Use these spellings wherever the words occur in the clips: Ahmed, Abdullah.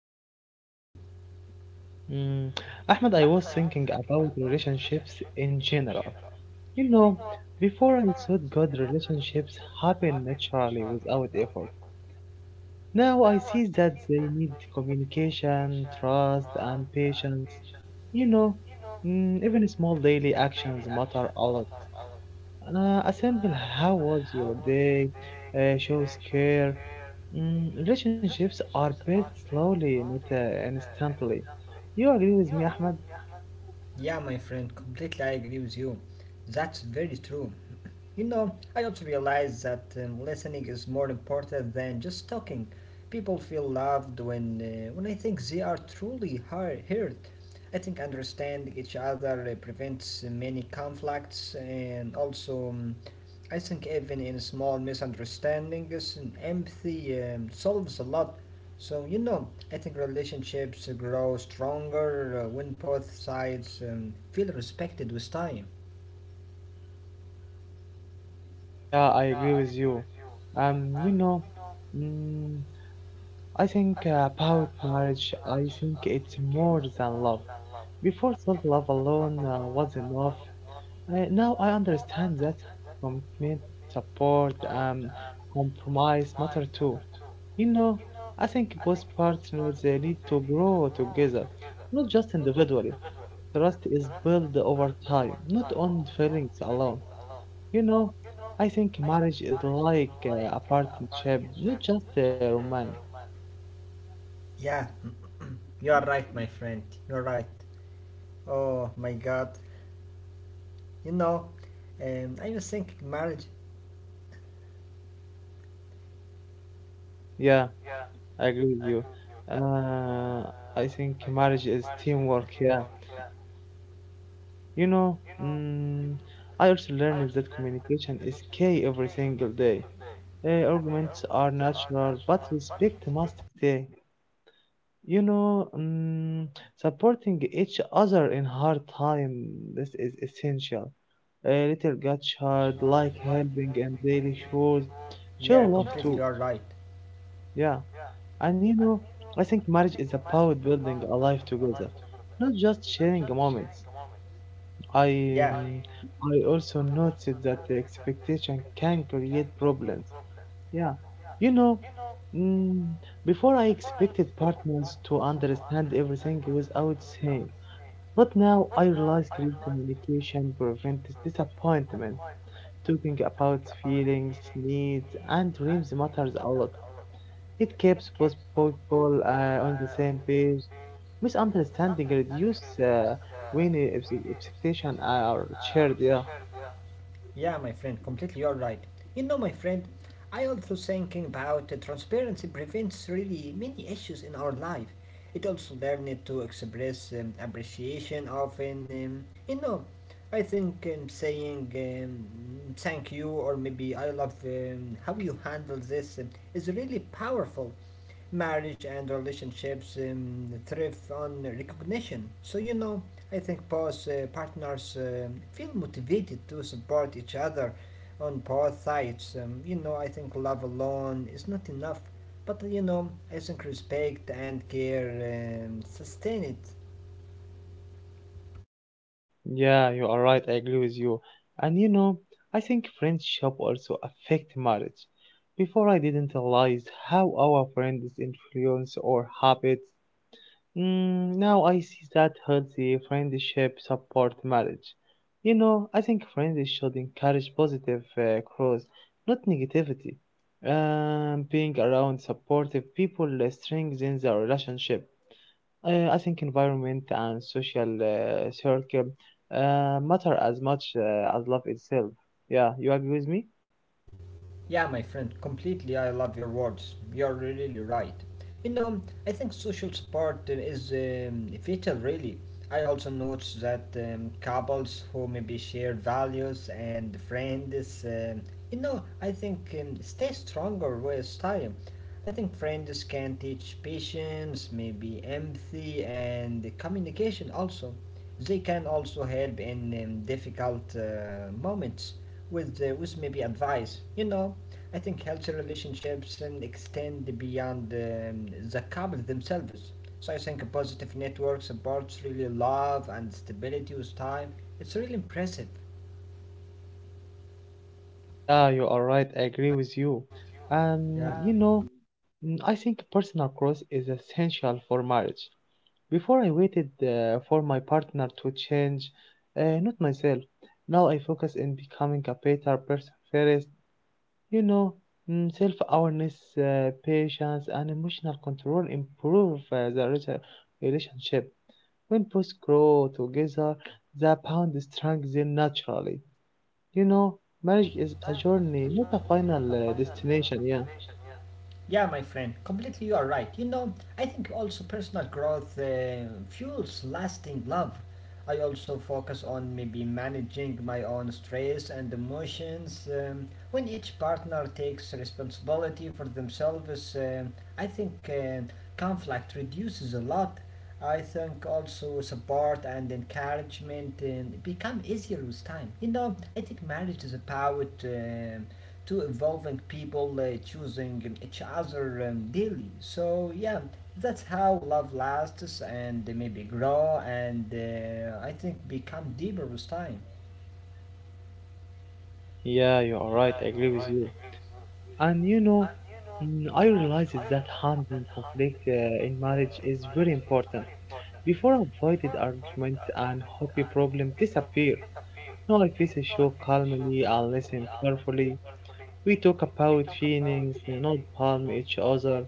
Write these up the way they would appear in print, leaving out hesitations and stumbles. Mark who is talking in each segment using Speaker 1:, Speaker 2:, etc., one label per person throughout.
Speaker 1: I am fine, thank you.
Speaker 2: Mm, Ahmed, I was thinking about relationships in general. You know, before I thought good relationships happen naturally without effort. Now I see that they need communication, trust, and patience. You know, even small daily actions matter a lot. A simple how was your day shows care. Relationships are built slowly, not instantly. You agree with me, Ahmed?
Speaker 1: Yeah, my friend, completely I agree with you. That's very true. You know, I also realize that listening is more important than just talking. People feel loved when I think they are truly heard. I think understanding each other prevents many conflicts, and also I think even in small misunderstandings and empathy solves a lot. So, you know, I think relationships grow stronger when both sides feel respected with time.
Speaker 2: Yeah, I agree with you. You know, mm, I think about marriage, I think it's more than love. Before self love alone was enough. Now I understand that commitment, support, compromise matter too. You know, I think both partners they need to grow together, not just individually. Trust is built over time, not on feelings alone. You know, I think marriage is like a partnership, not just a romance.
Speaker 1: Yeah, you are right, my friend. You're right. Oh my God, you know, I was thinking marriage.
Speaker 2: Yeah, I agree with you. Uh, I think marriage is teamwork. Yeah, you know, I also learned that communication is key every single day. Arguments are natural, but respect must stay. You know, supporting each other in hard time this is essential. A little got hard, like helping and daily chores. Show
Speaker 1: Yeah,
Speaker 2: love too.
Speaker 1: completely. You're right.
Speaker 2: Yeah. And you know, I think marriage is about building a life together, not just sharing moments. I
Speaker 1: Yeah.
Speaker 2: um, I also noted that the expectation can create problems. Yeah, you know, mm, before I expected partners to understand everything without saying, but now I realize great communication prevents disappointment. Talking about feelings, needs, and dreams matters a lot. It keeps both people on the same page. Misunderstanding reduce when expectations are shared. Yeah,
Speaker 1: Yeah, my friend, completely you're right. You know, my friend, I also thinking about the transparency prevents really many issues in our life. It also learned to express appreciation often. You know, I think saying thank you, or maybe I love how you handle this is really powerful. Marriage and relationships thrive on recognition. So, you know, I think both partners feel motivated to support each other on both sides. You know, I think love alone is not enough, but you know, I think respect and care sustain it.
Speaker 2: yeah, you are right. I agree with you. And you know, I think friendship also affect marriage. Before I didn't realize how our friends influence our habits. Now I see that healthy friendship support marriage. You know, I think friends should encourage positive growth, not negativity. Being around supportive people strengthens our relationship. I think environment and social circle matter as much as love itself. Yeah, you agree with me?
Speaker 1: Yeah, my friend, completely. I love your words. You're really right. You know, I think social support is vital, really. I also notice that couples who maybe share values and friends, you know, I think stay stronger with time. I think friends can teach patience, maybe empathy, and communication also. They can also help in difficult moments with maybe advice, you know. I think healthy relationships and extend beyond the couple themselves. So I think a positive network supports really love and stability with time. It's really impressive.
Speaker 2: Yeah, you are right. I agree with you.
Speaker 1: Yeah.
Speaker 2: And you know, I think personal growth is essential for marriage. Before I waited for my partner to change, not myself. Now I focus in becoming a better person first. You know, self-awareness, patience, and emotional control improve the relationship. When both grow together, the bond strengthens naturally. You know, marriage is a journey, not a final destination. Yeah.
Speaker 1: Yeah, my friend, completely you are right. You know, I think also personal growth fuels lasting love. I also focus on maybe managing my own stress and emotions. When each partner takes responsibility for themselves, I think conflict reduces a lot. I think also support and encouragement become easier with time. You know, I think marriage is about to evolving people choosing each other daily. So yeah, that's how love lasts and maybe grow, and I think become deeper with time.
Speaker 2: Yeah, you are right. I agree with you. And you know, I realized that handling conflict in marriage is very important. Before I avoided argument and happy problem disappear. Now I face a show calmly and listen carefully. We talk about feelings, not palm each other.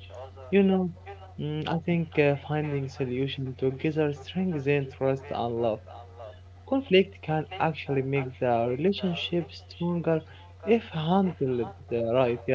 Speaker 2: You know, I think finding solution together strengthens trust and love. Conflict can actually make the relationship stronger if handled right. Yeah.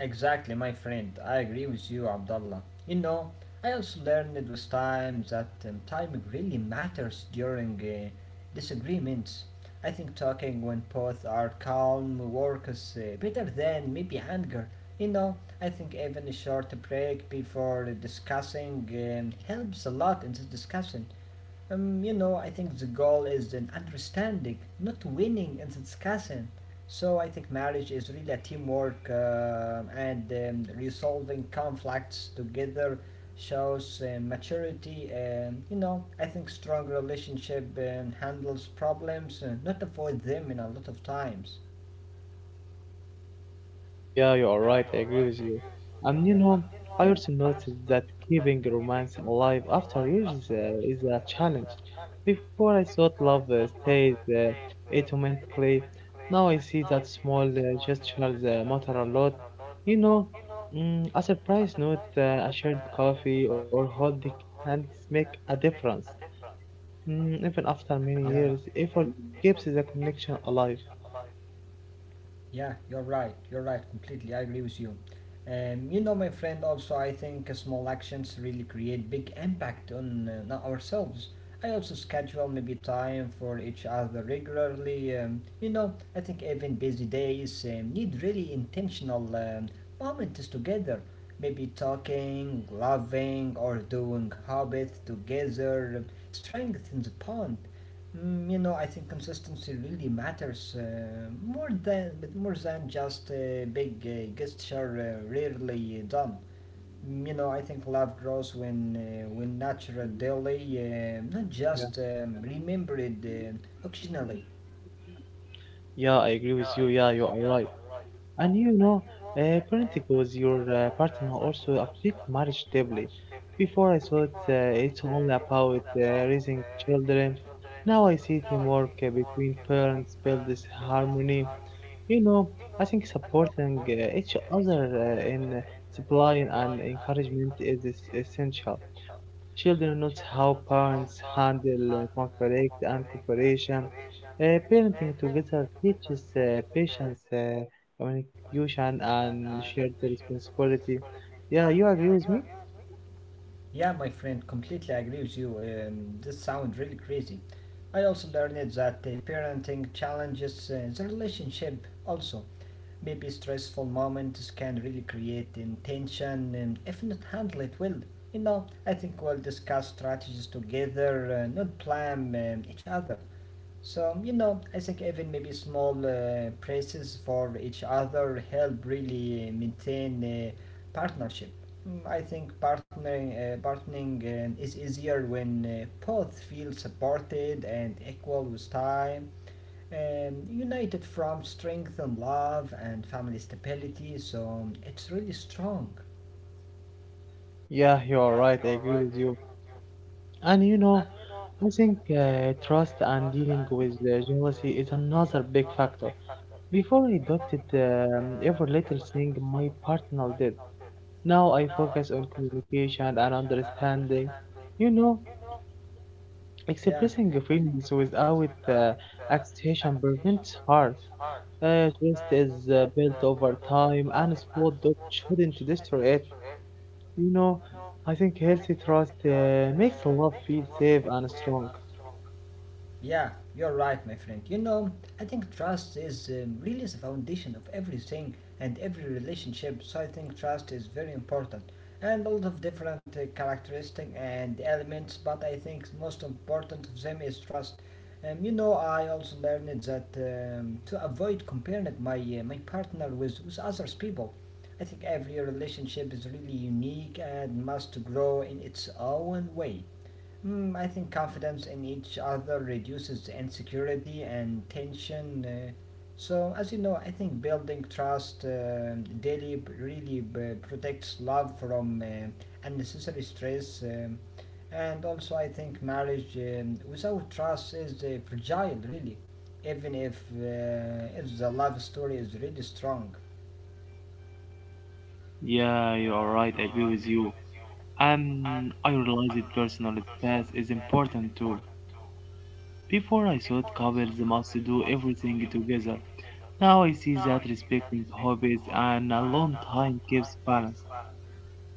Speaker 1: Exactly, my friend. I agree with you, Abdullah. You know, I also learned with time that time really matters during disagreements. I think talking when both are calm works better than maybe anger. You know, I think even a short break before discussing helps a lot in this discussion. You know, I think the goal is an understanding, not winning and discussing. So I think marriage is really a teamwork and resolving conflicts together shows maturity. And, you know, I think strong relationship handles problems, not avoid them in a lot of times.
Speaker 2: Yeah, you are right. I agree with you. And you
Speaker 1: Yeah,
Speaker 2: know, I also noticed that keeping romance alive after years is a challenge. Before I thought love stays automatically. Now I see that small gestures matter a lot. You know, a surprise note, a shared coffee, or holding hands make a difference. Even after many
Speaker 1: yeah.
Speaker 2: years, effort keeps the connection alive.
Speaker 1: Yeah, you're right. You're right, completely. I agree with you. You know, my friend, also, I think small actions really create big impact on not ourselves. I also schedule maybe time for each other regularly. You know, I think even busy days need really intentional moments together. Maybe talking, loving, or doing hobbies together strengthens the bond. Mm, you know, I think consistency really matters more than just a big gesture rarely done. Mm. You know, I think love grows when natural daily, not
Speaker 2: Yeah,
Speaker 1: just remembered occasionally.
Speaker 2: yeah, I agree with you. Yeah, you are right. And you know, parenting with your partner also affect marriage deeply. Before I thought it's only about raising children. Now I see teamwork between parents build this harmony. You know, I think supporting each other in supplying and encouragement is essential. Children note how parents handle conflict and cooperation. Parenting together teaches patience, communication, and shared responsibility. Yeah, you agree with me?
Speaker 1: Yeah, my friend, completely agree with you. This sounds really crazy. I also learned that parenting challenges the relationship also. Maybe stressful moments can really create tension, and if not handle it well. You know, I think we'll discuss strategies together, not blame each other. So, you know, I think even maybe small praises for each other help really maintain partnership. Mm, I think partnering is easier when both feel supported and equal with time, united from strength and love and family stability. So it's really strong.
Speaker 2: Yeah, you are right. I agree with you. And you know, I think trust and dealing with jealousy is another big factor. Before I adopted every little thing my partner did, now I focus on communication and understanding. You know,
Speaker 1: Yeah.
Speaker 2: expressing feelings without expression prevents harm. Trust is built over time and sport that shouldn't destroy it. You know, I think healthy trust makes love feel safe and strong.
Speaker 1: Yeah, you're right, my friend. You know, I think trust is really the foundation of everything and every relationship. So I think trust is very important, and a lot of different characteristics and elements. But I think most important of them is trust. You know, I also learned that to avoid comparing my partner with others people. I think every relationship is really unique and must grow in its own way. Hmm, I think confidence in each other reduces insecurity and tension. So, as you know, I think building trust daily really protects love from unnecessary stress. And also, I think marriage without trust is fragile, really, even if the love story is really strong.
Speaker 2: Yeah, you are right. I agree with you. I realize that personal space is important too. Before I thought couples must do everything together. Now I see that respecting hobbies and alone time gives balance.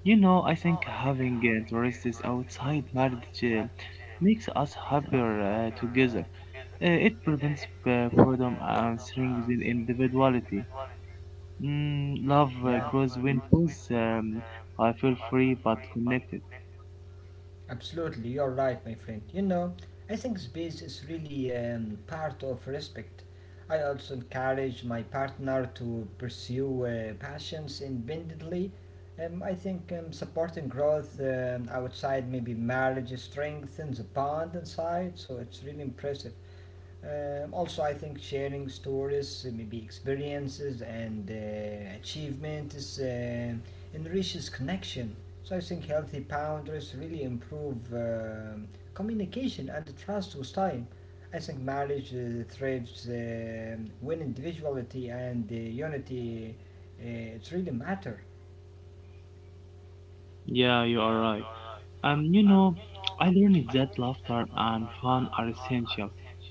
Speaker 2: You know, I think having interests outside marriage makes us happier together. It prevents boredom and strengthens individuality. Love
Speaker 1: Yeah.
Speaker 2: grows when both I feel free but connected.
Speaker 1: Absolutely, you're right, my friend. You know, I think space is really part of respect. I also encourage my partner to pursue passions independently. I think supporting growth outside maybe marriage strengthens the bond inside, so it's really impressive. Also, I think sharing stories, maybe experiences and achievements enriches connection. So I think healthy boundaries really improve communication and trust with time. I think marriage thrives when individuality and unity it really matter.
Speaker 2: Yeah, you are right. You know, I learned that laughter and fun are essential.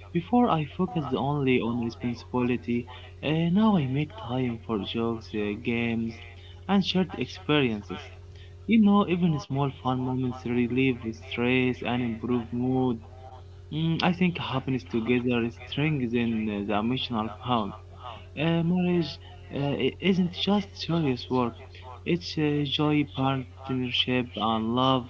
Speaker 2: Before I focused only on responsibility, now I make time for jokes, games, and shared experiences. You know, even small fun moments relieve stress and improve mood. I think happiness together strengthens the emotional bond. Marriage isn't just serious work; it's joy, partnership, and love.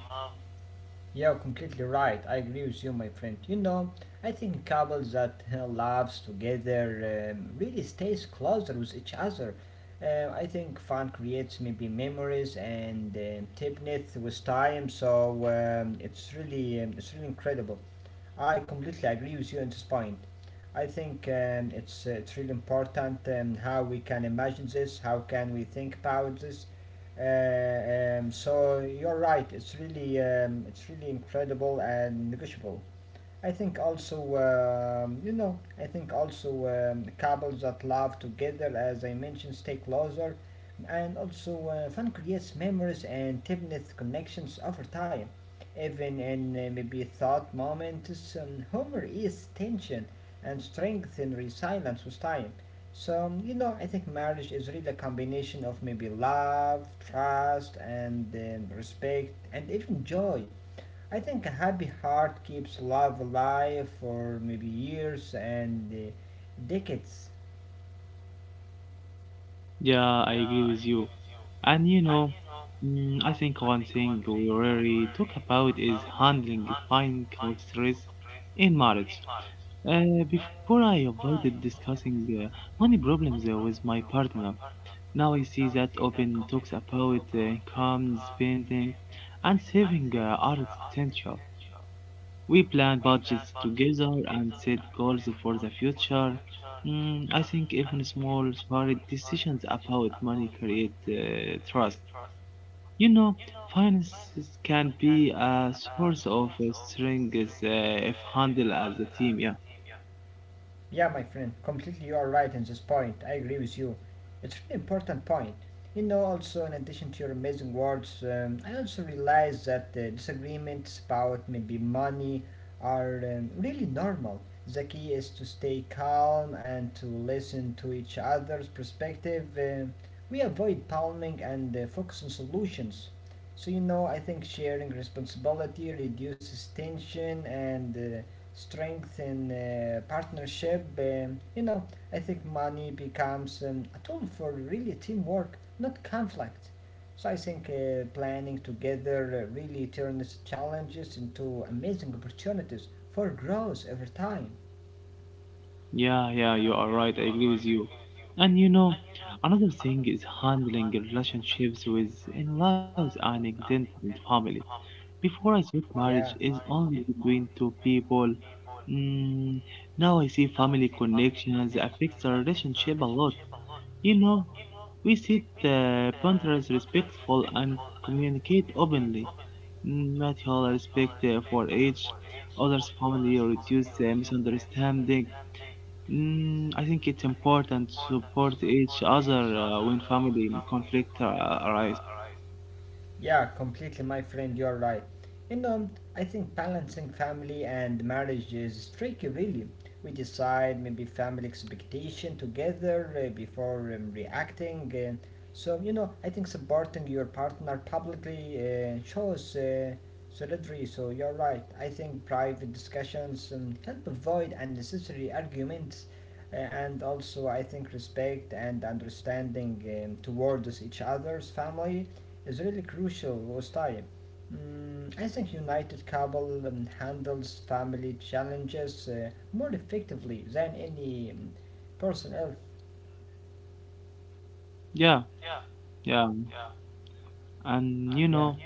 Speaker 1: You're completely right. I agree with you, my friend. You know, I think couples that lives together really stays closer with each other. I think fun creates maybe memories and deepness with time. So it's really incredible. I completely agree with you on this point. I think it's really important how we can imagine this, how can we think about this. So you're right. It's really incredible and negotiable. I think also, you know, I think also couples that love together, as I mentioned, stay closer, and also fun creates memories and deepens connections over time. Even in maybe thought moments, humor is tension and strength and resilience with time. So, you know, I think marriage is really a combination of maybe love, trust, and respect, and even joy. I think a happy heart keeps love alive for maybe years and decades.
Speaker 2: Yeah, I agree with you. And you know, I think one thing we rarely talk about is handling financial stress in marriage. Before I avoided discussing money problems with my partner. Now I see that open talks about income, spending, and saving are essential. We plan budgets together and set goals for the future. I think even small, smart decisions about money create trust. You know, finances can be a source of strength if handled as a team. Yeah,
Speaker 1: Yeah, my friend, completely you are right in this point. I agree with you. It's an important point. You know, also, in addition to your amazing words, I also realize that disagreements about maybe money are really normal. The key is to stay calm and to listen to each other's perspective. We avoid palming and focus on solutions. So, you know, I think sharing responsibility reduces tension and strength in partnership. You know, I think money becomes a tool for really teamwork, not conflict. So I think planning together really turns challenges into amazing opportunities for growth over time.
Speaker 2: yeah, yeah. You are right. I agree with you. And you know, another thing is handling relationships with in-laws and extended family. Before I thought marriage
Speaker 1: Yeah.
Speaker 2: is only between two people. Mm, Now I see family connections affects our relationship a lot. You know, we set boundaries respectful and communicate openly. Not respect for each other's family or reduce misunderstanding. I think it's important to support each other when family conflict arise.
Speaker 1: Yeah, completely, my friend, you're right. You know, I think balancing family and marriage is tricky, really. We decide maybe family expectation together before reacting. So, you know, I think supporting your partner publicly shows solidarity, so you're right. I think private discussions help avoid unnecessary arguments. And also, I think respect and understanding towards each other's family is really crucial was time. Mm, I think United Kabul handles family challenges more effectively than any person else.
Speaker 2: Yeah, yeah. And you
Speaker 1: Yeah.
Speaker 2: know,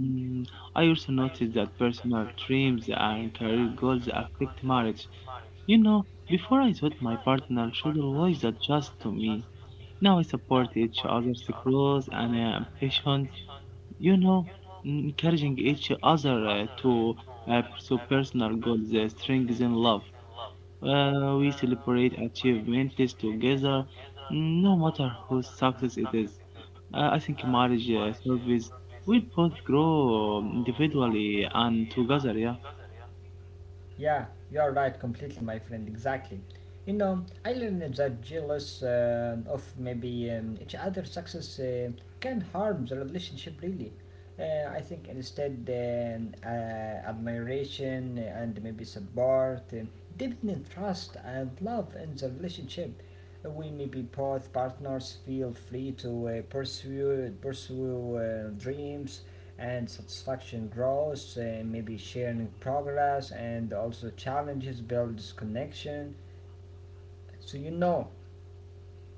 Speaker 2: mm, I also noticed that personal dreams and career goals affect marriage. You know, before I thought my partner should always adjust to me. Now I support each other's growth and ambitions. You know, encouraging each other to pursue personal goals strengthens love. We celebrate achievements together, no matter whose success it is. I think marriage service will both grow individually and together. Yeah,
Speaker 1: Yeah, you're right, completely, my friend, exactly. You know, I learned that jealous of maybe each other's success can harm the relationship really. I think instead, admiration and maybe support, deepening trust and love in the relationship. We maybe both partners feel free to pursue dreams, and satisfaction grows, maybe sharing progress and also challenges builds connection. So, you know,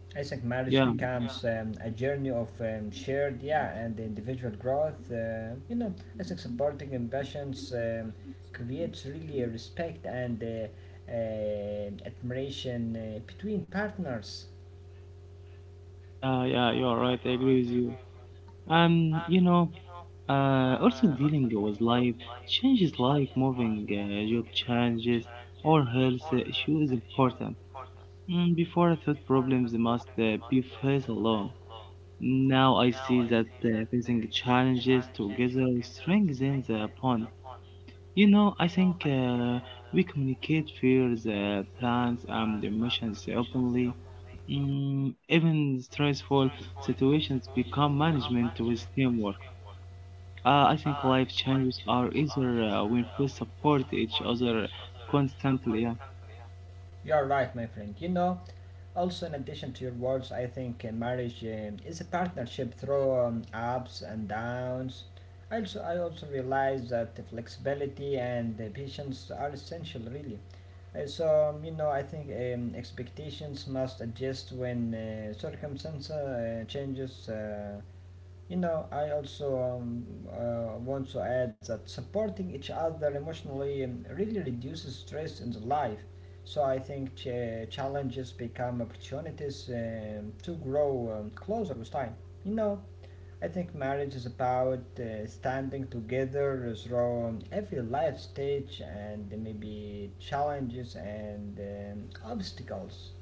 Speaker 1: I think marriage
Speaker 2: yeah.
Speaker 1: becomes a journey of shared, yeah, and individual growth. You know, I think supporting ambitions creates really a respect and admiration between partners.
Speaker 2: Yeah, yeah, you are right. I agree with you. You know, also dealing with life changes, life moving, job changes, or health issue is important. Before I thought problems must be faced alone. Now I see that facing challenges together strengthens the bond. You know, I think we communicate fears, plans, and emotions openly. Even stressful situations become management with teamwork. I think life changes are easier when we support each other constantly. Yeah,
Speaker 1: You're right, my friend. You know, Also, in addition to your words, I think marriage is a partnership through ups and downs. I also realize that the flexibility and the patience are essential, really. So, you know, I think expectations must adjust when circumstance changes. You know, I also want to add that supporting each other emotionally really reduces stress in the life. So I think challenges become opportunities to grow closer with time. You know, I think marriage is about standing together through every life stage and maybe challenges and obstacles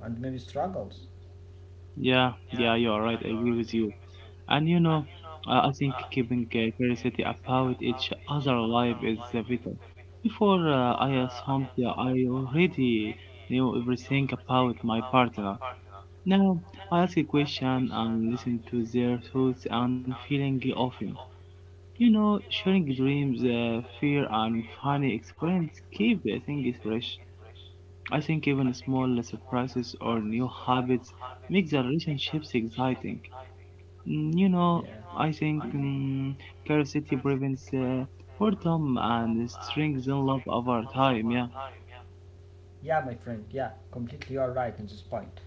Speaker 1: and maybe struggles.
Speaker 2: yeah, yeah, you are right. I agree with you. And you know, I think keeping curiosity about each other life is vital. Before I assumed that I already knew everything about my partner. Now I ask a question and listen to their thoughts and feeling often. You know, sharing dreams, fear, and funny experience keep the things fresh. I think even small surprises or new habits make the relationships exciting. You know,
Speaker 1: Yeah,
Speaker 2: I think curiosity prevents boredom and strengthens love over time. Yeah,
Speaker 1: yeah, my friend. Yeah, completely. You are right in this point.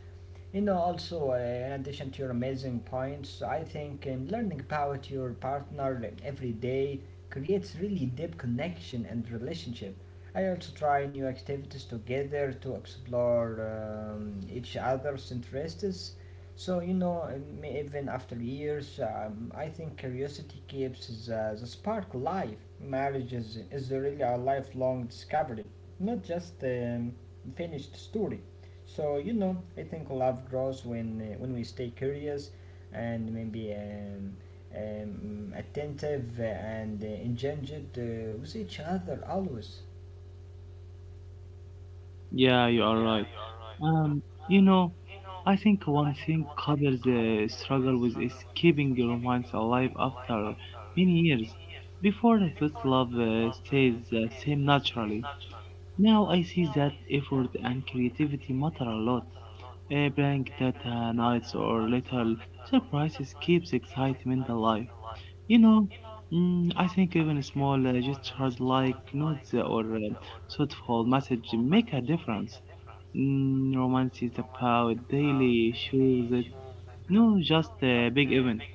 Speaker 1: You know, also, in addition to your amazing points, I think learning about your partner like, every day creates really deep connection and relationship. I also try new activities together to explore each other's interests. So, you know, even after years, I think curiosity keeps the spark alive. Marriage is really a lifelong discovery, not just finished story. So you know, I think love grows when when we stay curious and maybe attentive and engaged with each other always.
Speaker 2: yeah, you are right. Um, you know, I think one thing couples struggle with is keeping the romance alive after many years. Before I thought love stays the same naturally. Now I see that effort and creativity matter a lot. A blank data, nights, or little surprises keeps excitement alive. You know, I think even small gestures like notes or thoughtful message make a difference. Romance is about daily issues, no, just big events.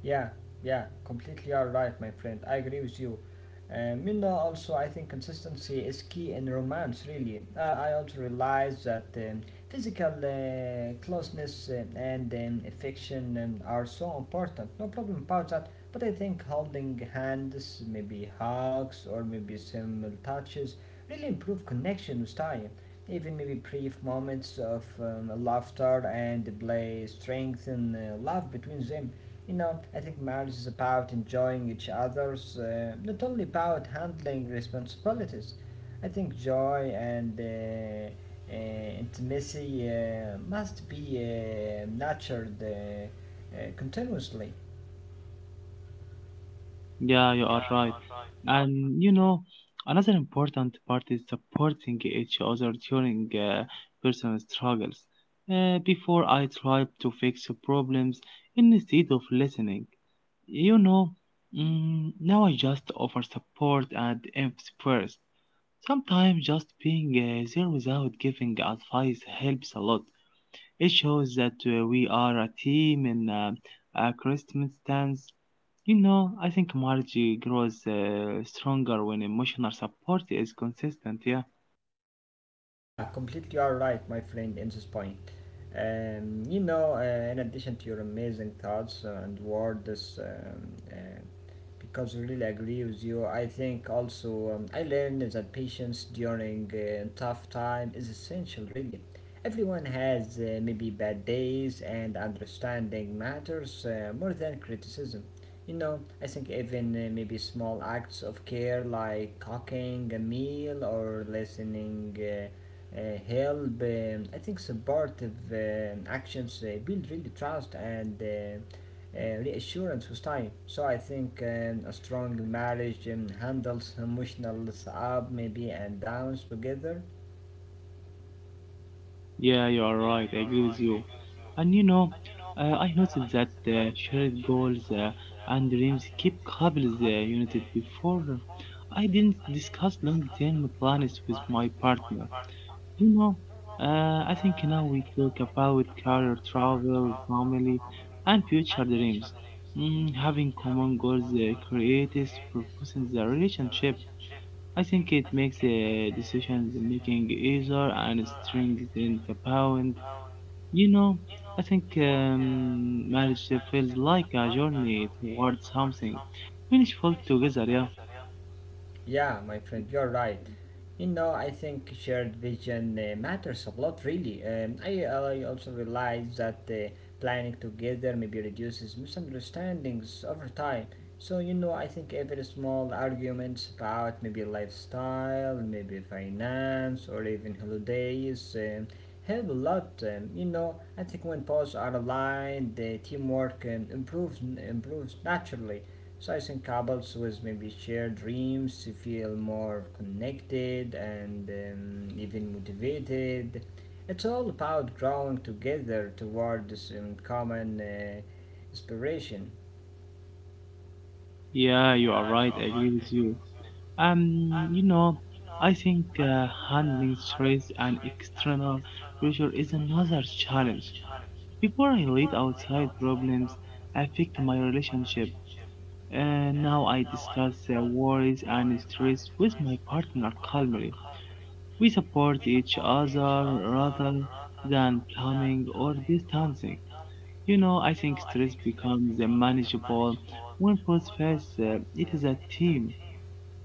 Speaker 1: Yeah, yeah, completely all right, my friend. I agree with you. Minna, also, I think consistency is key in romance, really. I also realize that physical closeness and affection are so important. No problem about that. But I think holding hands, maybe hugs, or maybe simple touches really improve connection with time. Even maybe brief moments of laughter and play strengthen love between them. You know, I think marriage is about enjoying each other's, not only about handling responsibilities. I think joy and intimacy must be nurtured continuously.
Speaker 2: Yeah, you are right. And you know, another important part is supporting each other during personal struggles. Before I tried to fix problems instead of listening. You know, now I just offer support and empathy first. Sometimes just being there without giving advice helps a lot. It shows that we are a team in a Christmas dance. You know, I think marriage grows stronger when emotional support is consistent. Yeah,
Speaker 1: Yeah, completely all right, my friend, in this point. You know, in addition to your amazing thoughts and words, because I really agree with you, I think also I learned that patience during tough time is essential, really. Everyone has maybe bad days, and understanding matters more than criticism. You know, I think even maybe small acts of care like cooking a meal or listening uh, help I think supportive actions build really trust and reassurance with time, so I think a strong marriage handles emotional ups maybe and downs together.
Speaker 2: yeah, you are right. I agree with you. And you know, I noticed that shared goals and dreams keep couples united. Before, I didn't discuss long-term plans with my partner. You know, I think now we talk about career, travel, family, and future dreams. Having common goals creates purpose in the relationship. I think it makes decisions making easier and strengthens the bond. You know, I think marriage feels like a journey towards something. Finish fall together, yeah.
Speaker 1: Yeah, my friend, you're right. You know, I think shared vision matters a lot, really. I also realize that planning together maybe reduces misunderstandings over time. So, you know, I think every small arguments about maybe lifestyle, maybe finance, or even holidays help a lot. You know, I think when posts are aligned, the teamwork um, improves naturally. So I think couples with maybe shared dreams feel more connected and even motivated. It's all about growing together toward this common inspiration.
Speaker 2: Yeah, you are right. I agree with you. You know, I think handling stress and external pressure is another challenge. Before I let outside problems affect my relationship, now I discuss worries and stress with my partner calmly. We support each other rather than blaming or distancing. You know, I think stress becomes manageable when both face it is a team.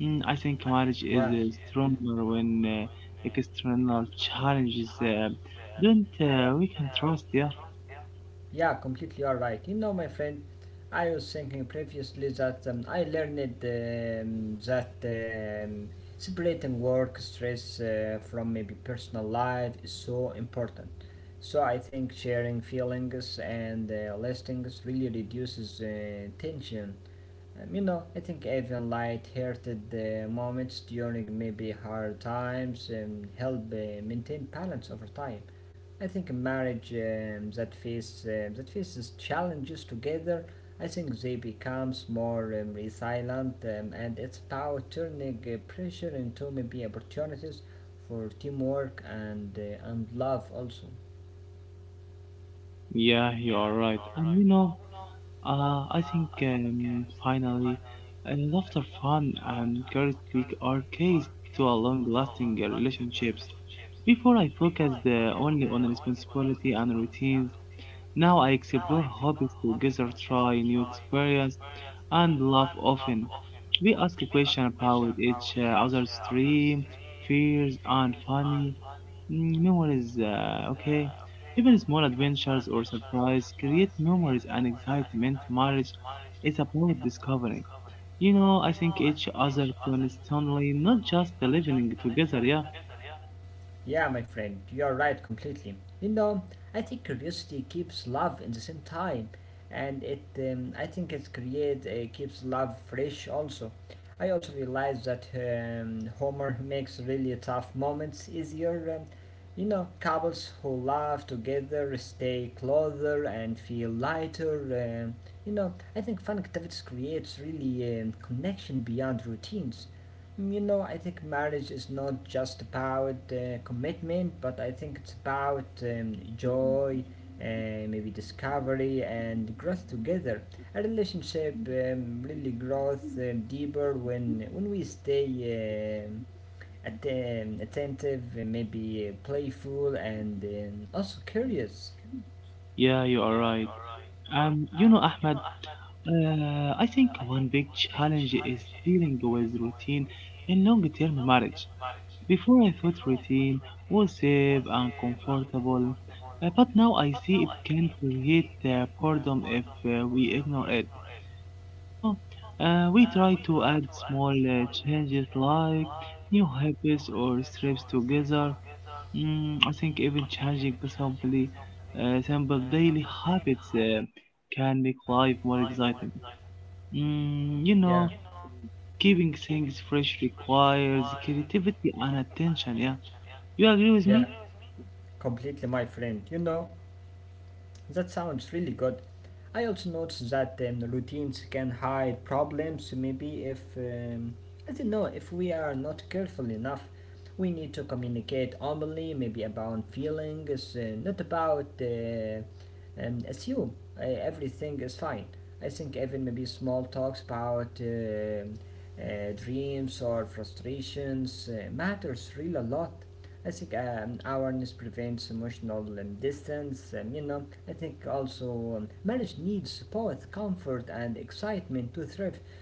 Speaker 2: I think marriage is stronger when external challenges don't we can trust. Yeah,
Speaker 1: Yeah, completely all right. You know, my friend, I was thinking previously that I learned that separating work stress from maybe personal life is so important. So I think sharing feelings and listings really reduces tension. You know, I think even light-hearted moments during maybe hard times help maintain balance over time. I think a marriage that faces challenges together. I think they becomes more resilient, and it's about turning pressure into maybe opportunities for teamwork and love also.
Speaker 2: yeah, you are right. And you know, I think finally, laughter, fun, and curiosity are keys to a long-lasting relationships. Before I focused only on responsibility and routines, now I explore hobbies together, try new experience, and laugh often. We ask a question about each other's dreams, fears, and funny memories. Okay, even small adventures or surprise create memories and excitement. Marriage is about discovery. You know, I think each other constantly, not just living together. Yeah,
Speaker 1: Yeah, my friend, you're right completely. You know, I think curiosity keeps love in the same time, and it I think it create keeps love fresh also. I also realize that Homer makes really tough moments easier, and you know, couples who love together stay closer and feel lighter. um you know, I think fun activities creates really connection beyond routines. You know, I think marriage is not just about commitment, but I think it's about joy, maybe discovery, and growth together. A relationship really grows deeper when we stay attentive, and maybe playful, and also curious.
Speaker 2: yeah, you are right. You know, Ahmed. I think one big challenge is dealing with routine in long term marriage. Before I thought routine was safe and comfortable, but now I see it can create boredom if we ignore it. You know, we try to add small changes like new habits or trips together. I think even simple daily habits can make life more exciting. Mm, you
Speaker 1: Yeah,
Speaker 2: know, keeping things fresh requires creativity and attention. Yeah, you agree with me?
Speaker 1: completely, my friend. You know, that sounds really good. I also noticed that routines can hide problems. Maybe if I don't know if we are not careful enough, we need to communicate openly, maybe about feelings, not about assume everything is fine. I think even maybe small talks about dreams or frustrations matters really a lot. I think awareness prevents emotional distance. You know, I think also marriage needs both comfort and excitement to thrive.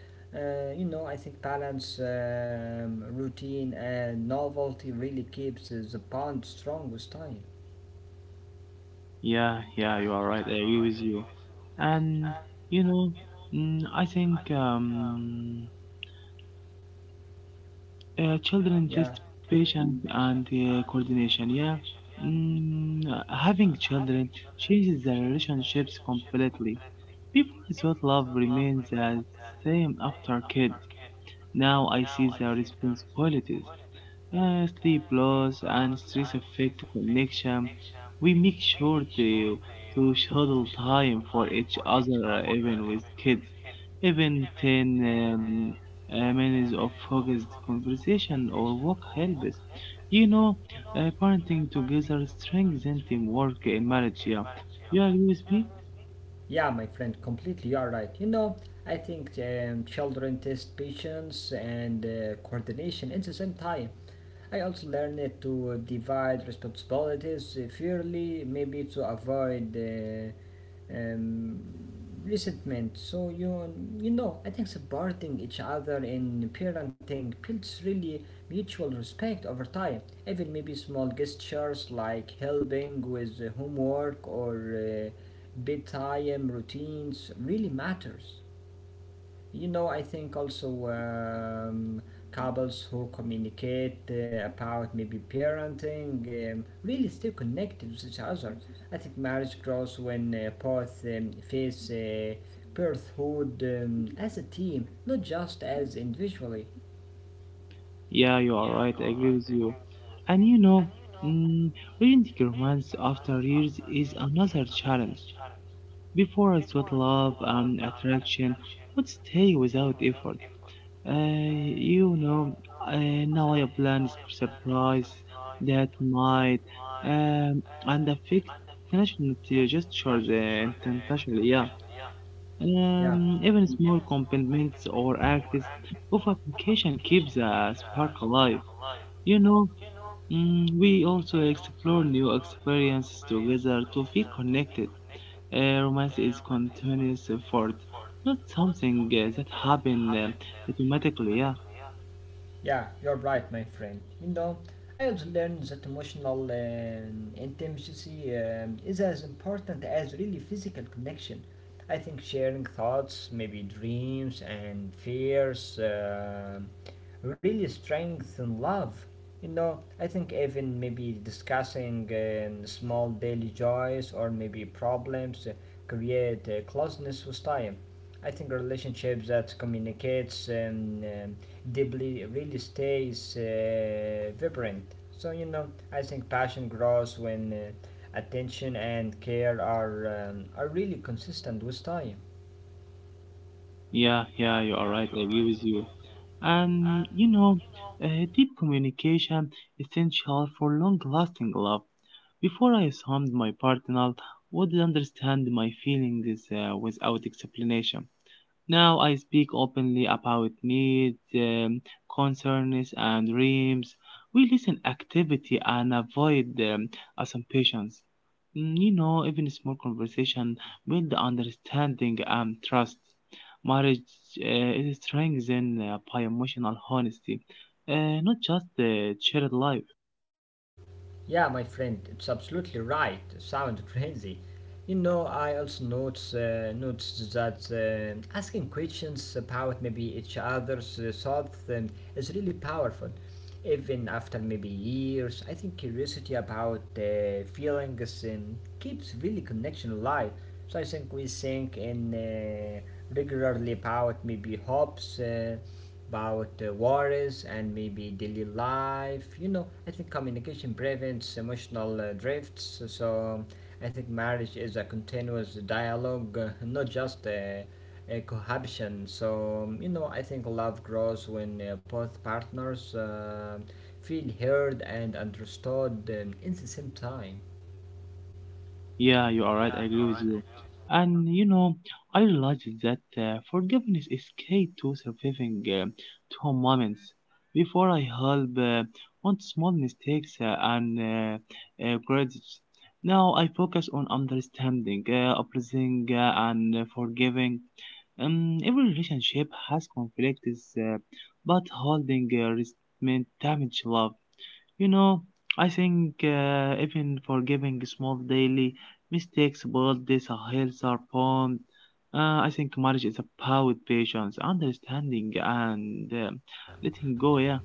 Speaker 1: You know, I think balance, routine, and novelty really keeps the bond strong with time.
Speaker 2: Yeah, yeah, you are right. I agree with you. And you know, mm, I think children
Speaker 1: Yeah.
Speaker 2: test patience and coordination. Yeah, mm, having children changes the relationships completely. People thought love remains the same after kids. Now I see the responsibilities. Sleep loss and stress affect connection. We make sure to schedule time for each other, even with kids. Even 10 minutes of focused conversation or work helps. You know, parenting together strengthens teamwork in marriage. Yeah, you agree with me?
Speaker 1: Yeah, my friend, completely you are right. You know, I think children test patience and coordination at the same time. I also learned to divide responsibilities fairly, maybe to avoid um, resentment. So you know, I think supporting each other in parenting builds really mutual respect over time. Even maybe small gestures like helping with the homework or uh, bedtime routines really matters. You know, I think also couples who communicate about maybe parenting really stay connected with each other. I think marriage grows when both face birthhood as a team, not just as individually.
Speaker 2: Yeah, you are right. I agree with you. And you know, mm, reading romance after years is another challenge. Before I thought love and attraction would stay without effort. You know, now I plan surprise that might and affect national gestures and intentionally, yeah.
Speaker 1: Yeah.
Speaker 2: Even small compliments or acts of application keeps the spark alive. You know, mm, we also explore new experiences together to feel connected. Romance is continuous effort, not something that happens automatically. Yeah.
Speaker 1: Yeah, you're right, my friend. You know, I have learned that emotional intimacy is as important as really physical connection. I think sharing thoughts, maybe dreams and fears, really strengthen love. You know, I think even maybe discussing small daily joys or maybe problems create closeness with time. I think relationships that communicates deeply really stays vibrant. So, you know, I think passion grows when attention and care are really consistent with time.
Speaker 2: Yeah, yeah, you're right. I agree with you. And you know, deep communication essential for long-lasting love. Before I assumed my partner would understand my feelings without explanation, now I speak openly about needs, concerns, and dreams. We listen activity and avoid assumptions. Mm, you know, even small conversation build understanding and trust. Marriage uh, is strengthened by emotional honesty, not just shared life.
Speaker 1: Yeah, my friend, it's absolutely right. It sounds crazy. You know, I also notes noticed that asking questions about maybe each other's thoughts is really powerful. Even after maybe years, I think curiosity about feelings keeps really connection alive. So I think we think in regularly about maybe hopes. About worries and maybe daily life. You know, I think communication prevents emotional drifts. So I think marriage is a continuous dialogue, not just a cohabitation. So you know, I think love grows when both partners feel heard and understood in the same time.
Speaker 2: Yeah, you are right. I agree with you. And you know, I realized that forgiveness is key to surviving tough moments. Before I help on small mistakes and grudges, now I focus on understanding, appraising, and forgiving. Every relationship has conflicts, but holding resentment damage love. You know, I think even forgiving small daily mistakes build this healthier bond. I think marriage is about patience, understanding, and letting go. Yeah,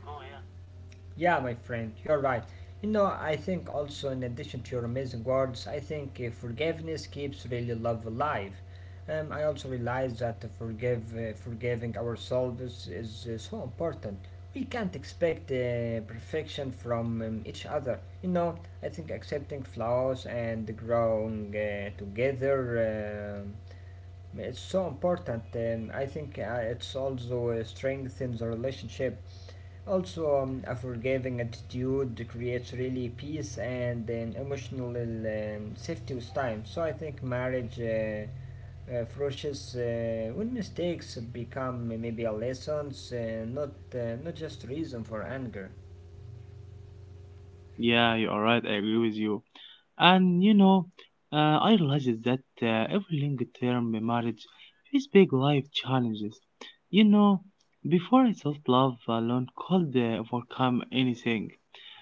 Speaker 1: Yeah, my friend, you're right. You know, I think also, in addition to your amazing words, I think forgiveness keeps really love alive. I also realize that forgiving ourselves is so important. We can't expect perfection from each other. You know, I think accepting flaws and growing together, um, it's so important. I think it's also strengthens the relationship. Also, a forgiving attitude creates really peace and an emotional safety with time. So I think marriage flourishes when mistakes become maybe a lessons, not not just reason for anger.
Speaker 2: yeah, you are right. I agree with you. And you know, I realized that every long term marriage faces big life challenges. You know, before I thought love alone could overcome anything.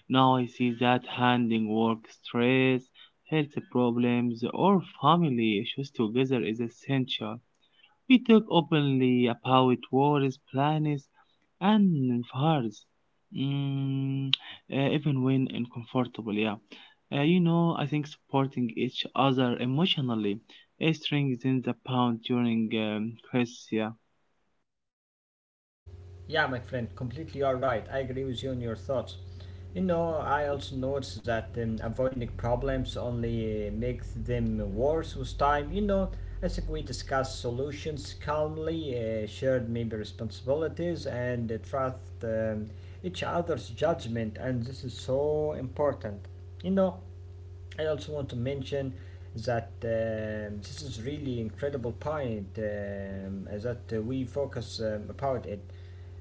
Speaker 2: Now I see that handling work stress, health problems, or family issues together is essential. We talk openly about worries, plans, and fears, mm, even when uncomfortable. Yeah, uh, you know, I think supporting each other emotionally strengthens the bond during crisis. Yeah,
Speaker 1: Yeah, my friend, completely you're right. I agree with you on your thoughts. You know, I also noticed that avoiding problems only makes them worse with time. You know, I think we discuss solutions calmly, shared maybe responsibilities, and trust each other's judgment, and this is so important. You know, I also want to mention that this is really incredible point that we focus about it,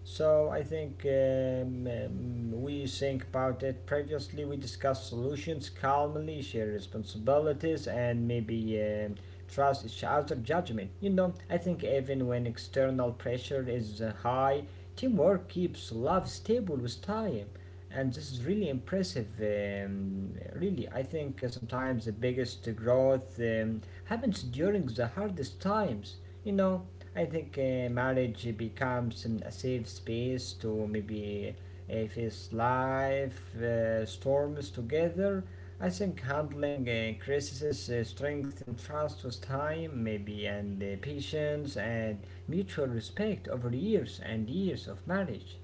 Speaker 1: so I think we think about it previously. We discussed solutions calmly, share responsibilities, and maybe trust each other judgment. You know, I think even when external pressure is high, teamwork keeps love stable with time. And this is really impressive. Really, I think sometimes the biggest growth happens during the hardest times. You know, I think marriage becomes a safe space to maybe face life storms together. I think handling increases strength trust with time, maybe, and patience and mutual respect over years and years of marriage.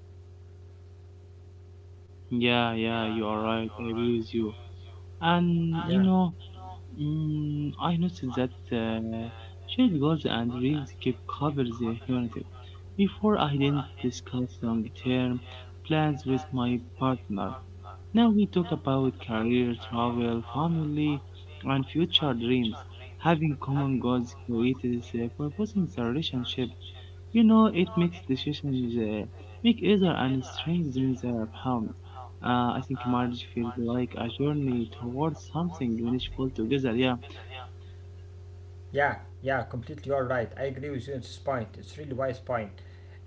Speaker 2: yeah, yeah. You are right. I agree with you. And you know, mm, I noticed that shared goals and dreams keep covers the humanity. Before I didn't discuss long-term plans with my partner. Now we talk about career, travel, family, and future dreams. Having common goals creates a purpose in the relationship. You know, it makes decisions make easier and strengthens the bond. I think marriage feels like a journey towards something meaningful together. Yeah,
Speaker 1: Yeah, yeah, completely. You are right. I agree with you on this point. It's really wise point.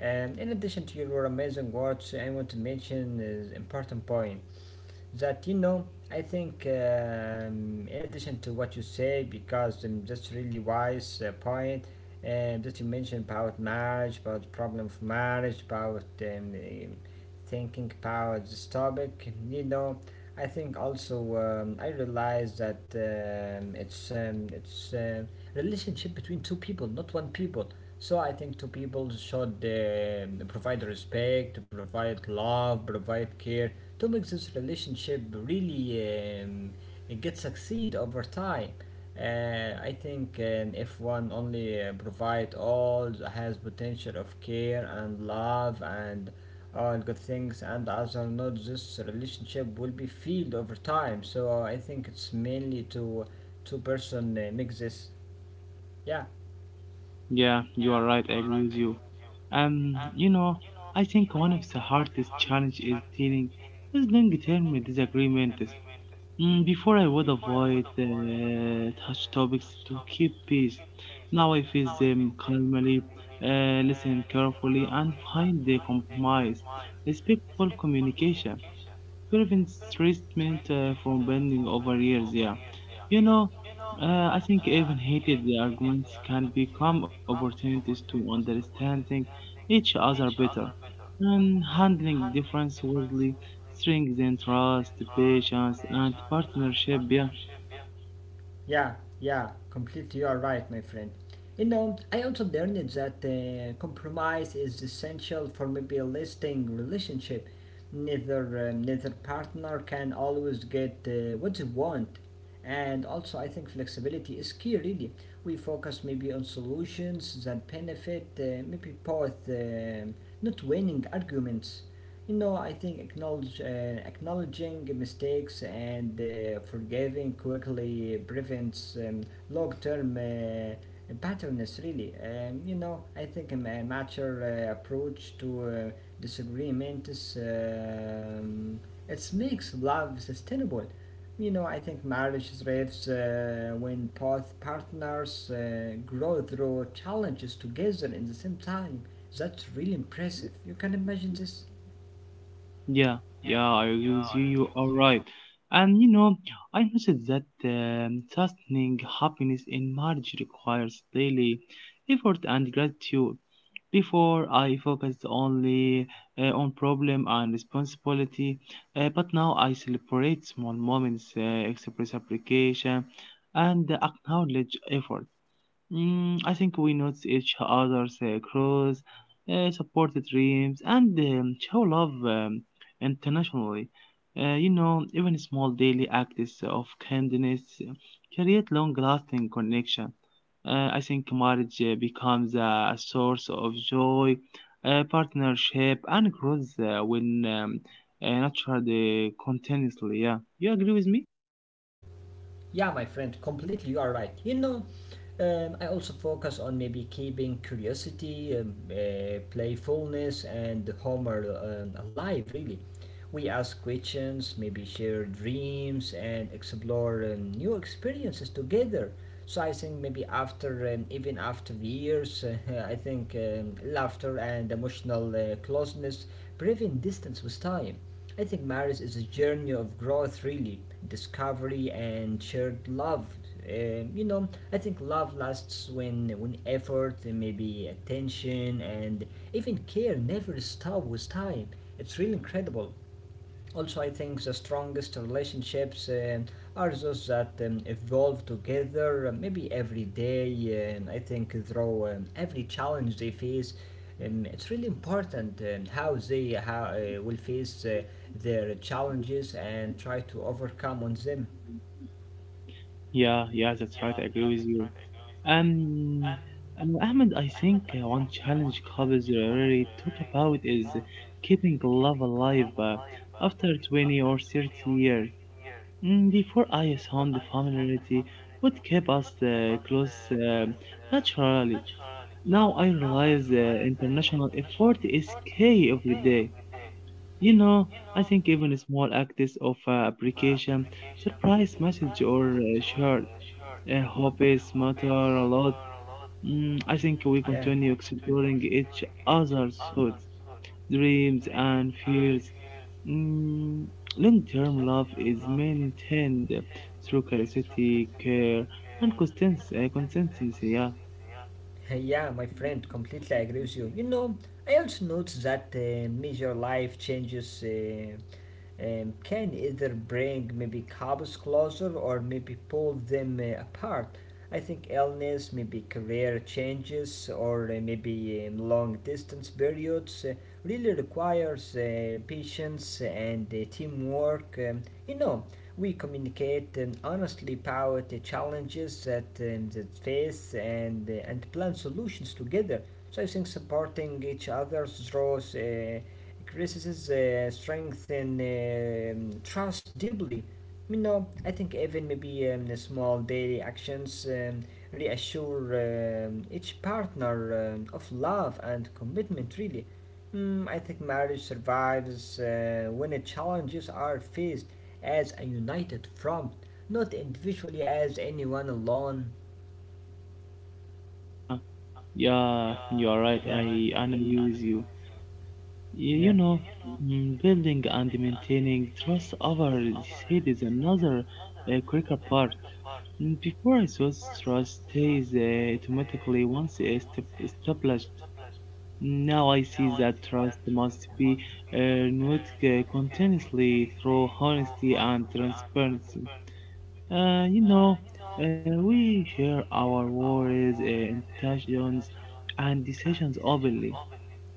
Speaker 1: In addition to your amazing words, I want to mention an important point, that you know, I think in addition to what you say, because that's really wise point, and that you mentioned about marriage, about the problem of marriage, about thinking about this topic. You know, I think also I realize that it's relationship between two people, not one people. So I think two people should provide respect, provide love, provide care to make this relationship really get succeed over time. I think if one only provide all has potential of care and love and all good things and other not, this relationship will be filled over time. So I think it's mainly to two person make this. Yeah.
Speaker 2: yeah, you are right. I agree with you. You know, I think one of the hardest challenges is dealing with long-term disagreements. Mm, before I would avoid touch topics to keep peace. Now I face them calmly, listen carefully, and find the compromise. Respectful communication prevents treatment from bending over years. Yeah, you know, I think even heated arguments can become opportunities to understanding each other better and handling difference wisely strengthens trust, patience, and partnership. Yeah.
Speaker 1: Yeah, yeah, completely you are right, my friend. You know, I also learned that compromise is essential for maybe a lasting relationship. Neither partner can always get what they want, and also I think flexibility is key. Really, we focus maybe on solutions that benefit maybe both, not winning arguments. You know, I think acknowledging mistakes and forgiving quickly prevents long term patterns, really. You know, I think a mature approach to disagreements it makes love sustainable. You know, I think marriage thrives when both partners grow through challenges together in the same time. That's really impressive. You can imagine this?
Speaker 2: Yeah, yeah, I agree with you. You are right. And you know, I noticed that sustaining happiness in marriage requires daily effort and gratitude. Before, I focused only on problem and responsibility, but now I celebrate small moments, express application, and acknowledge effort. Mm, I think we notice each other's cross, support the dreams, and show love internationally. You know, even small daily acts of kindness create long-lasting connection. I think marriage becomes a source of joy, partnership, and growth when nurtured continuously. Yeah, you agree with me?
Speaker 1: Yeah, my friend, completely you are right. You know, I also focus on maybe keeping curiosity, playfulness, and humor alive, really. We ask questions, maybe share dreams, and explore new experiences together. So I think maybe after, even after the years, I think laughter and emotional closeness prevent distance with time. I think marriage is a journey of growth, really, discovery and shared love. You know, I think love lasts when effort, and maybe attention, and even care never stop with time. It's really incredible. Also, I think the strongest relationships are those that evolve together, maybe every day, and I think through every challenge they face. It's really important how they will face their challenges and try to overcome on them.
Speaker 2: Yeah, yeah, that's right. I agree with you. Um, Ahmed, I think one challenge couples really talk about is keeping love alive after 20 or 30 years. Mm, before I assumed the familiarity would keep us close naturally. Now I realize international effort is key every day. You know, I think even a small acts of appreciation, surprise message or shirt, hobbies matter a lot. Mm, I think we continue exploring each other's thoughts, dreams, and fears. Mm, long-term love is maintained through curiosity, care, and consistency. Consistency. Yeah,
Speaker 1: Hey. Yeah, my friend, completely agree with you. You know, I also noticed that major life changes, can either bring maybe couples closer or maybe pull them apart. I think illness, maybe career changes, or maybe long distance periods really requires patience and teamwork. You know, we communicate and honestly about the challenges that that face, and and plan solutions together. So I think supporting each other draws increases strength and trust deeply. You know, I think even maybe the small daily actions reassure each partner of love and commitment, really. Mm, I think marriage survives when the challenges are faced as a united front, not individually as anyone alone.
Speaker 2: yeah, yeah. You are right. I agree with you. You
Speaker 1: Yeah.
Speaker 2: know, mm, building and maintaining trust over the head is another critical part. Mm, before I was trust stays automatically once it's established. Now I see that trust must be renewed continuously through honesty and transparency. You know, we share our worries, intentions, and decisions openly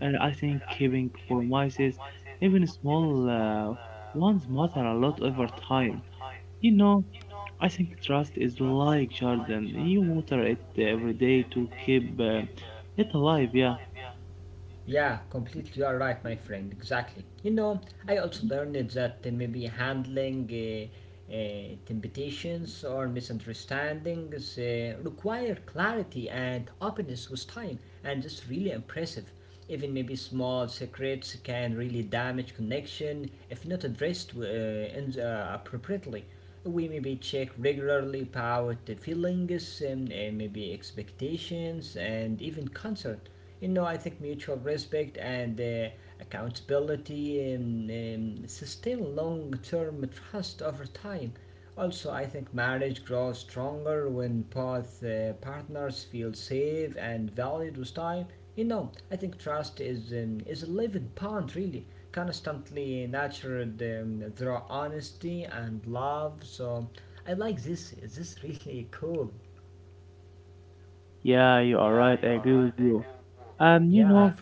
Speaker 2: and I think keeping promises, even small ones, matter a lot over time. You know, I think trust is like Jordan. You water it every day to keep it alive. Yeah,
Speaker 1: Yeah, completely. You are right, my friend. Exactly. You know, I also learned that, maybe handling temptations or misunderstandings require clarity and openness with time, and it's really impressive. Even maybe small secrets can really damage connection if not addressed appropriately. We maybe check regularly about the feelings and maybe expectations and even concern. You know, I think mutual respect and accountability sustain long term trust over time. Also, I think marriage grows stronger when both partners feel safe and valued with time. You know, I think trust is a living bond, really, constantly nurtured through honesty and love. So, I like this. This is really cool.
Speaker 2: yeah, you are right. I agree with you.
Speaker 1: Yeah.
Speaker 2: You know,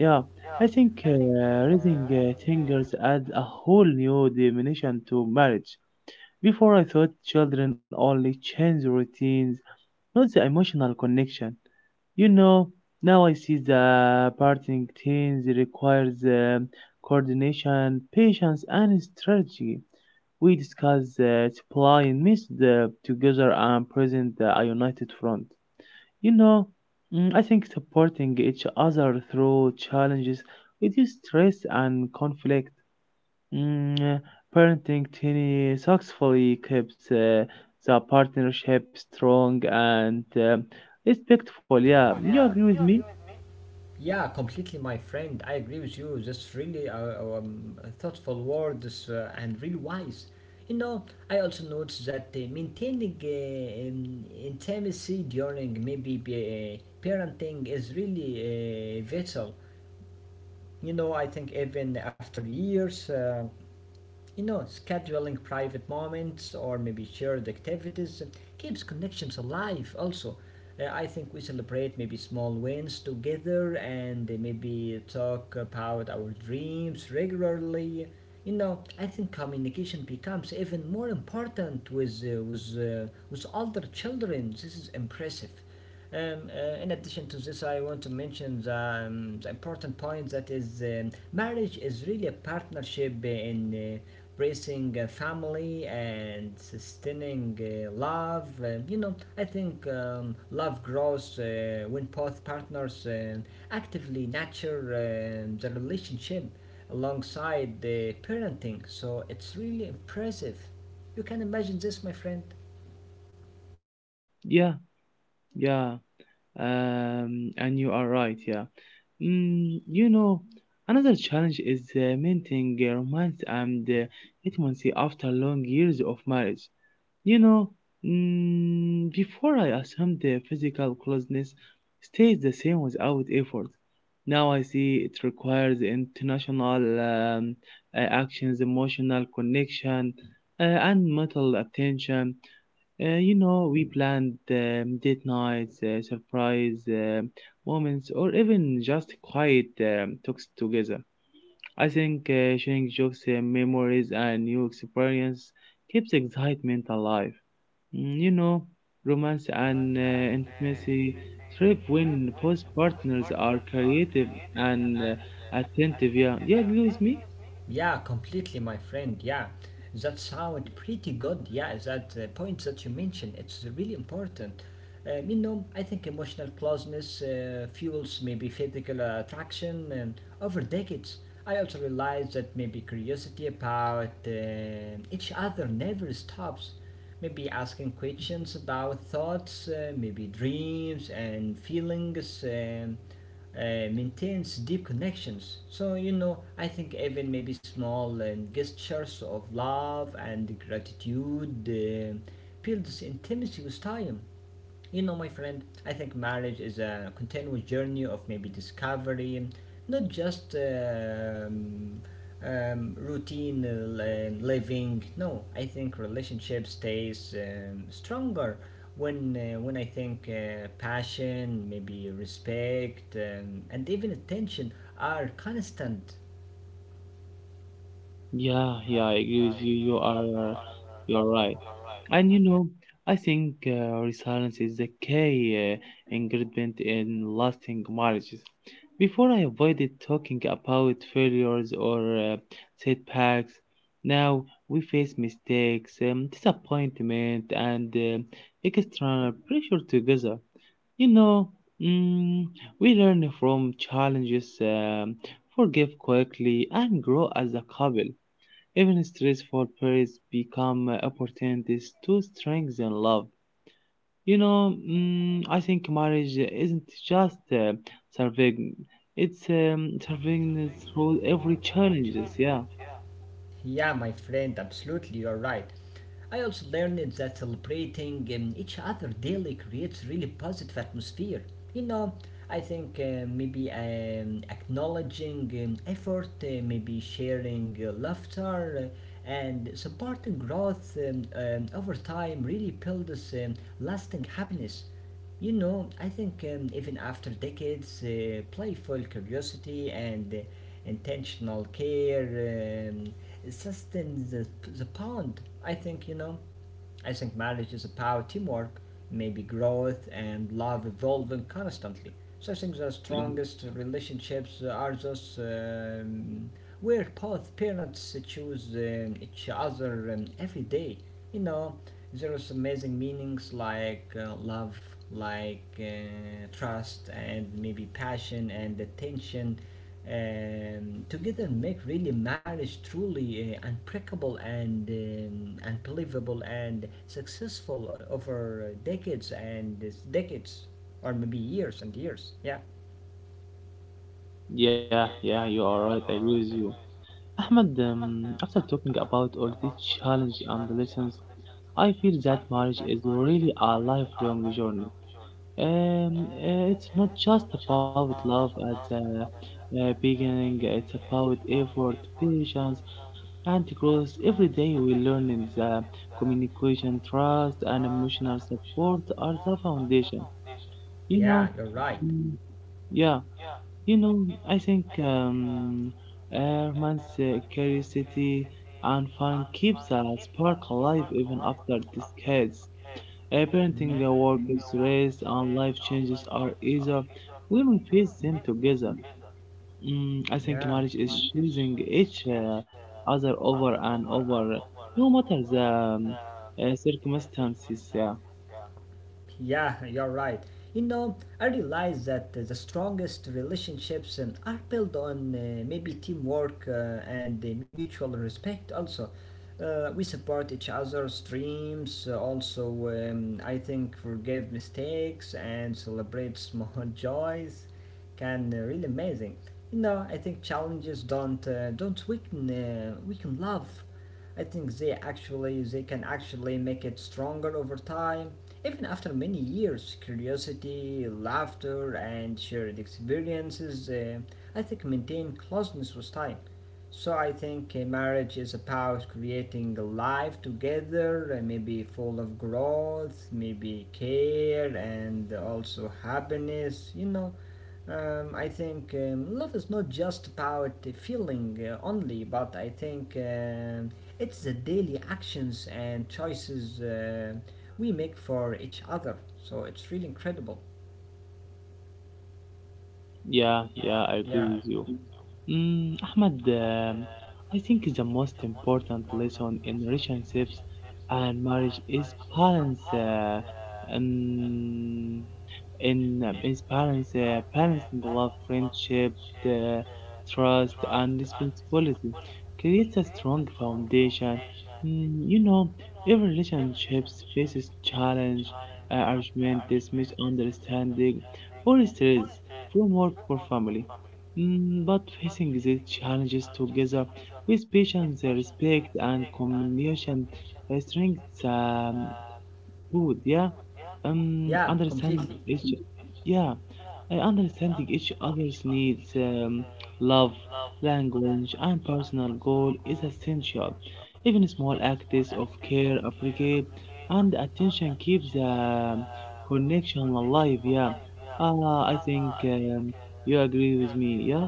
Speaker 2: yeah, I think raising fingers adds a whole new dimension to marriage. Before I thought children only change routines, not the emotional connection. You know, now I see the parenting things requires coordination, patience, and strategy. We discuss supply and miss the together and present a united front. You know, mm, I think supporting each other through challenges reduces stress and conflict. Mm, uh, Parenting Tilly successfully keeps the partnership strong and respectful. Yeah, you agree with me?
Speaker 1: Yeah, completely, my friend. I agree with you. That's really thoughtful words and really wise. You know, I also noticed that maintaining intimacy during maybe parenting is really vital. You know, I think even after years. You know, scheduling private moments or maybe shared activities keeps connections alive also. I think we celebrate maybe small wins together and maybe talk about our dreams regularly. You know, I think communication becomes even more important with older children. This is impressive. In addition to this, I want to mention the important point that is, marriage is really a partnership in raising a family and sustaining love. You know, I think love grows when both partners actively nurture the relationship alongside the parenting. So it's really impressive. You can imagine this, my friend.
Speaker 2: Yeah, yeah. And you are right. Yeah. Mm, you know, another challenge is maintaining romance and intimacy after long years of marriage. You know, mm, before I assumed the physical closeness stays the same without effort. Now I see it requires international actions, emotional connection, uh, and mental attention. You know, we planned date nights, surprise moments, or even just quiet talks together. I think sharing jokes, memories, and new experience keeps excitement alive. Mm, you know, romance and intimacy thrive when both partners are creative and attentive. Yeah, yeah, agree with me.
Speaker 1: Yeah, completely, my friend. Yeah, that sounds pretty good. Yeah, that point that you mentioned, it's really important. You know, I think emotional closeness fuels maybe physical attraction over decades. I also realized that maybe curiosity about each other never stops. Maybe asking questions about thoughts, maybe dreams and feelings. Maintains deep connections. So, you know, I think even maybe small and gestures of love and gratitude builds intimacy with time. You know, my friend, I think marriage is a continuous journey of maybe discovery, not just routine living. No, I think relationship stays stronger when I think passion, maybe respect, and even attention are constant.
Speaker 2: Yeah, yeah, I agree with you. You are right. And you know, I think resilience is the key ingredient in lasting marriages. Before I avoided talking about failures or setbacks. Now we face mistakes, disappointment, and external pressure together. You know, mm, we learn from challenges, forgive quickly, and grow as a couple. Even stressful periods become opportunities to strengthen love. You know, mm, I think marriage isn't just surviving; it's surviving through every challenges. Yeah.
Speaker 1: Yeah, my friend, absolutely, you're right. I also learned that celebrating each other daily creates really positive atmosphere. You know, I think maybe acknowledging effort, maybe sharing laughter, and supporting growth over time really builds lasting happiness. You know, I think even after decades, playful curiosity and intentional care sustain the pond. I think, you know, I think marriage is a power teamwork, maybe growth and love evolving constantly. So I think the
Speaker 2: Yeah,
Speaker 1: strongest relationships are those where both parents choose each other every day. You know, there is amazing meanings like love, like trust, and maybe passion and attention together make really marriage truly unbreakable and unbelievable and successful over decades and decades or maybe years and years. Yeah.
Speaker 2: yeah, yeah, you are right. I agree with you. Ahmed, after talking about all these challenges and lessons, I feel that marriage is really a lifelong journey. It's not just about love at the beginning, it's about effort, patience, and growth. Every day we learn in the communication, trust, and emotional support are the foundation. You know,
Speaker 1: Yeah, you're right.
Speaker 2: mm, yeah, you know, I think man's curiosity and fun keeps the spark alive even after decades. A
Speaker 1: Mhm.
Speaker 2: parenting award is raised and life changes are easier when we face them together. Mm, I think marriage
Speaker 1: Yeah.
Speaker 2: is choosing each other over and over, no matter the circumstances. Yeah.
Speaker 1: Yeah, you're right. You know, I realize that the strongest relationships are built on maybe teamwork and mutual respect also. We support each other's dreams, also, I think, forgive mistakes and celebrate small joys can really amazing. You know, I think challenges don't weaken love. I think they can actually make it stronger over time. Even after many years, curiosity, laughter, and shared experiences, I think, maintain closeness with time. So I think marriage is about creating a life together, maybe full of growth, maybe care, and also happiness, you know. I think love is not just about the feeling only, but I think it's the daily actions and choices we make for each other. So it's really incredible.
Speaker 2: Yeah, yeah, I
Speaker 1: Yeah,
Speaker 2: agree with you. Mm, Ahmed, I think the most important lesson in relationships and marriage is balance. Um, Balancing love, friendship, uh, trust, and responsibility creates a strong foundation. Mm, you know, every relationships faces challenge, argument, misunderstanding, or stress from work or family. Mm, but facing these challenges together with patience, respect, and communication strengthens good, yeah.
Speaker 1: yeah,
Speaker 2: Understanding each, yeah, understanding each other's needs, love, language, and personal goal is essential. Even small acts of care, appreciate, and attention keep the connection alive. Yeah. I think You agree with me. Yeah.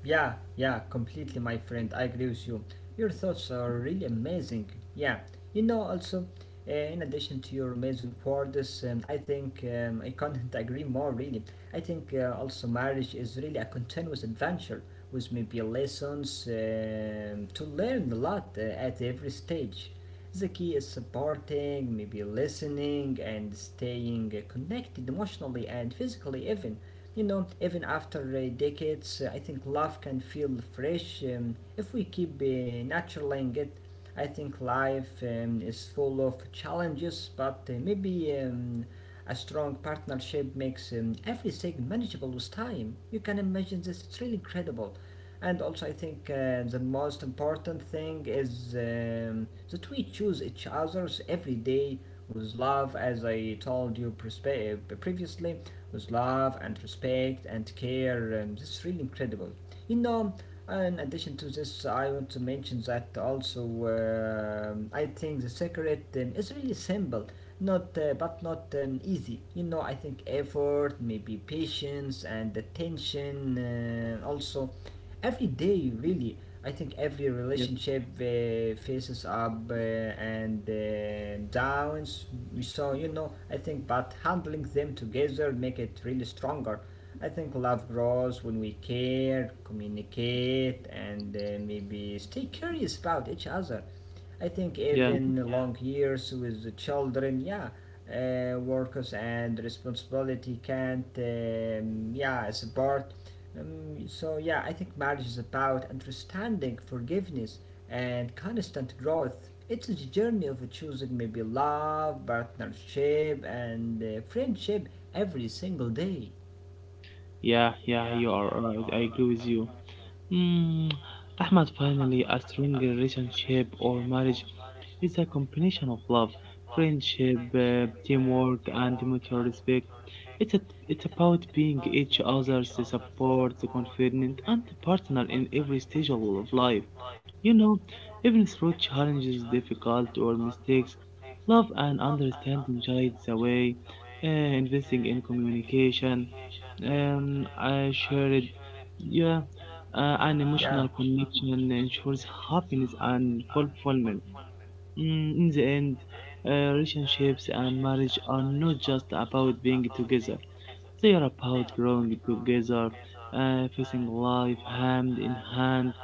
Speaker 1: Yeah, yeah, completely, my friend. I agree with you. Your thoughts are really amazing. Yeah, you know, also, in addition to your amazing words, I think I can't agree more, really. I think also marriage is really a continuous adventure with maybe lessons to learn a lot at every stage. The key is supporting, maybe listening, and staying connected emotionally and physically, even. You know, even after decades, I think love can feel fresh if we keep nurturing it. I think life is full of challenges, but maybe a strong partnership makes everything manageable with time. You can imagine this, it's really incredible. And also, I think the most important thing is that we choose each other's every day with love, as I told you previously, with love and respect and care. This is really incredible. You know, in addition to this, I want to mention that also, I think the secret is really simple, not but not easy. You know, I think effort, maybe patience and attention, also every day really. I think every
Speaker 2: Yeah.
Speaker 1: relationship faces up and downs. So you know, I think, but handling them together make it really stronger. I think love grows when we care, communicate, and maybe stay curious about each other. I think
Speaker 2: Yeah.
Speaker 1: even long years with the children, yeah, workers and responsibility can't, yeah, support so yeah, I think marriage is about understanding, forgiveness, and constant growth. It's a journey of choosing maybe love, partnership, and friendship every single day.
Speaker 2: Yeah. Yeah. You are right. I agree with you. Mm, Ahmad, finally, a strong relationship or marriage is a combination of love, friendship, teamwork, and mutual respect. It's, a, it's about being each other's support, confidant, and partner in every stage of life. You know, even through challenges, difficult, or mistakes, love and understanding guides the way, investing in communication, I shared, yeah. An emotional connection ensures happiness and fulfillment. Mm, in the end, relationships and marriage are not just about being together, they are about growing together, facing life hand in hand,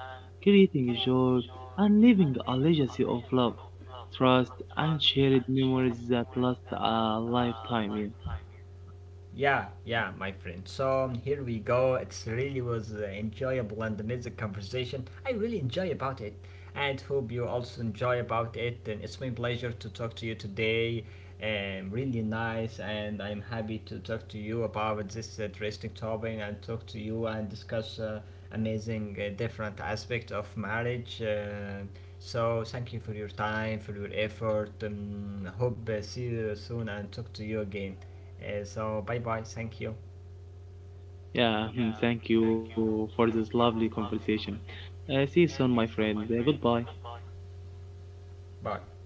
Speaker 2: creating joy, and leaving a legacy of love, trust, and shared memories that last a lifetime. Yeah,
Speaker 1: Yeah, yeah, my friend. So here we go. It's really was enjoyable and amazing conversation. I really enjoy about it, and hope you also enjoy about it. And it's my pleasure to talk to you today. Really nice, and I'm happy to talk to you about this interesting topic and talk to you and discuss amazing different aspect of marriage. So thank you for your time, for your effort. Hope see you soon and talk to you again. So bye bye. Thank you.
Speaker 2: yeah, thank you for this lovely conversation. See you soon, my friend. Goodbye.
Speaker 1: Bye.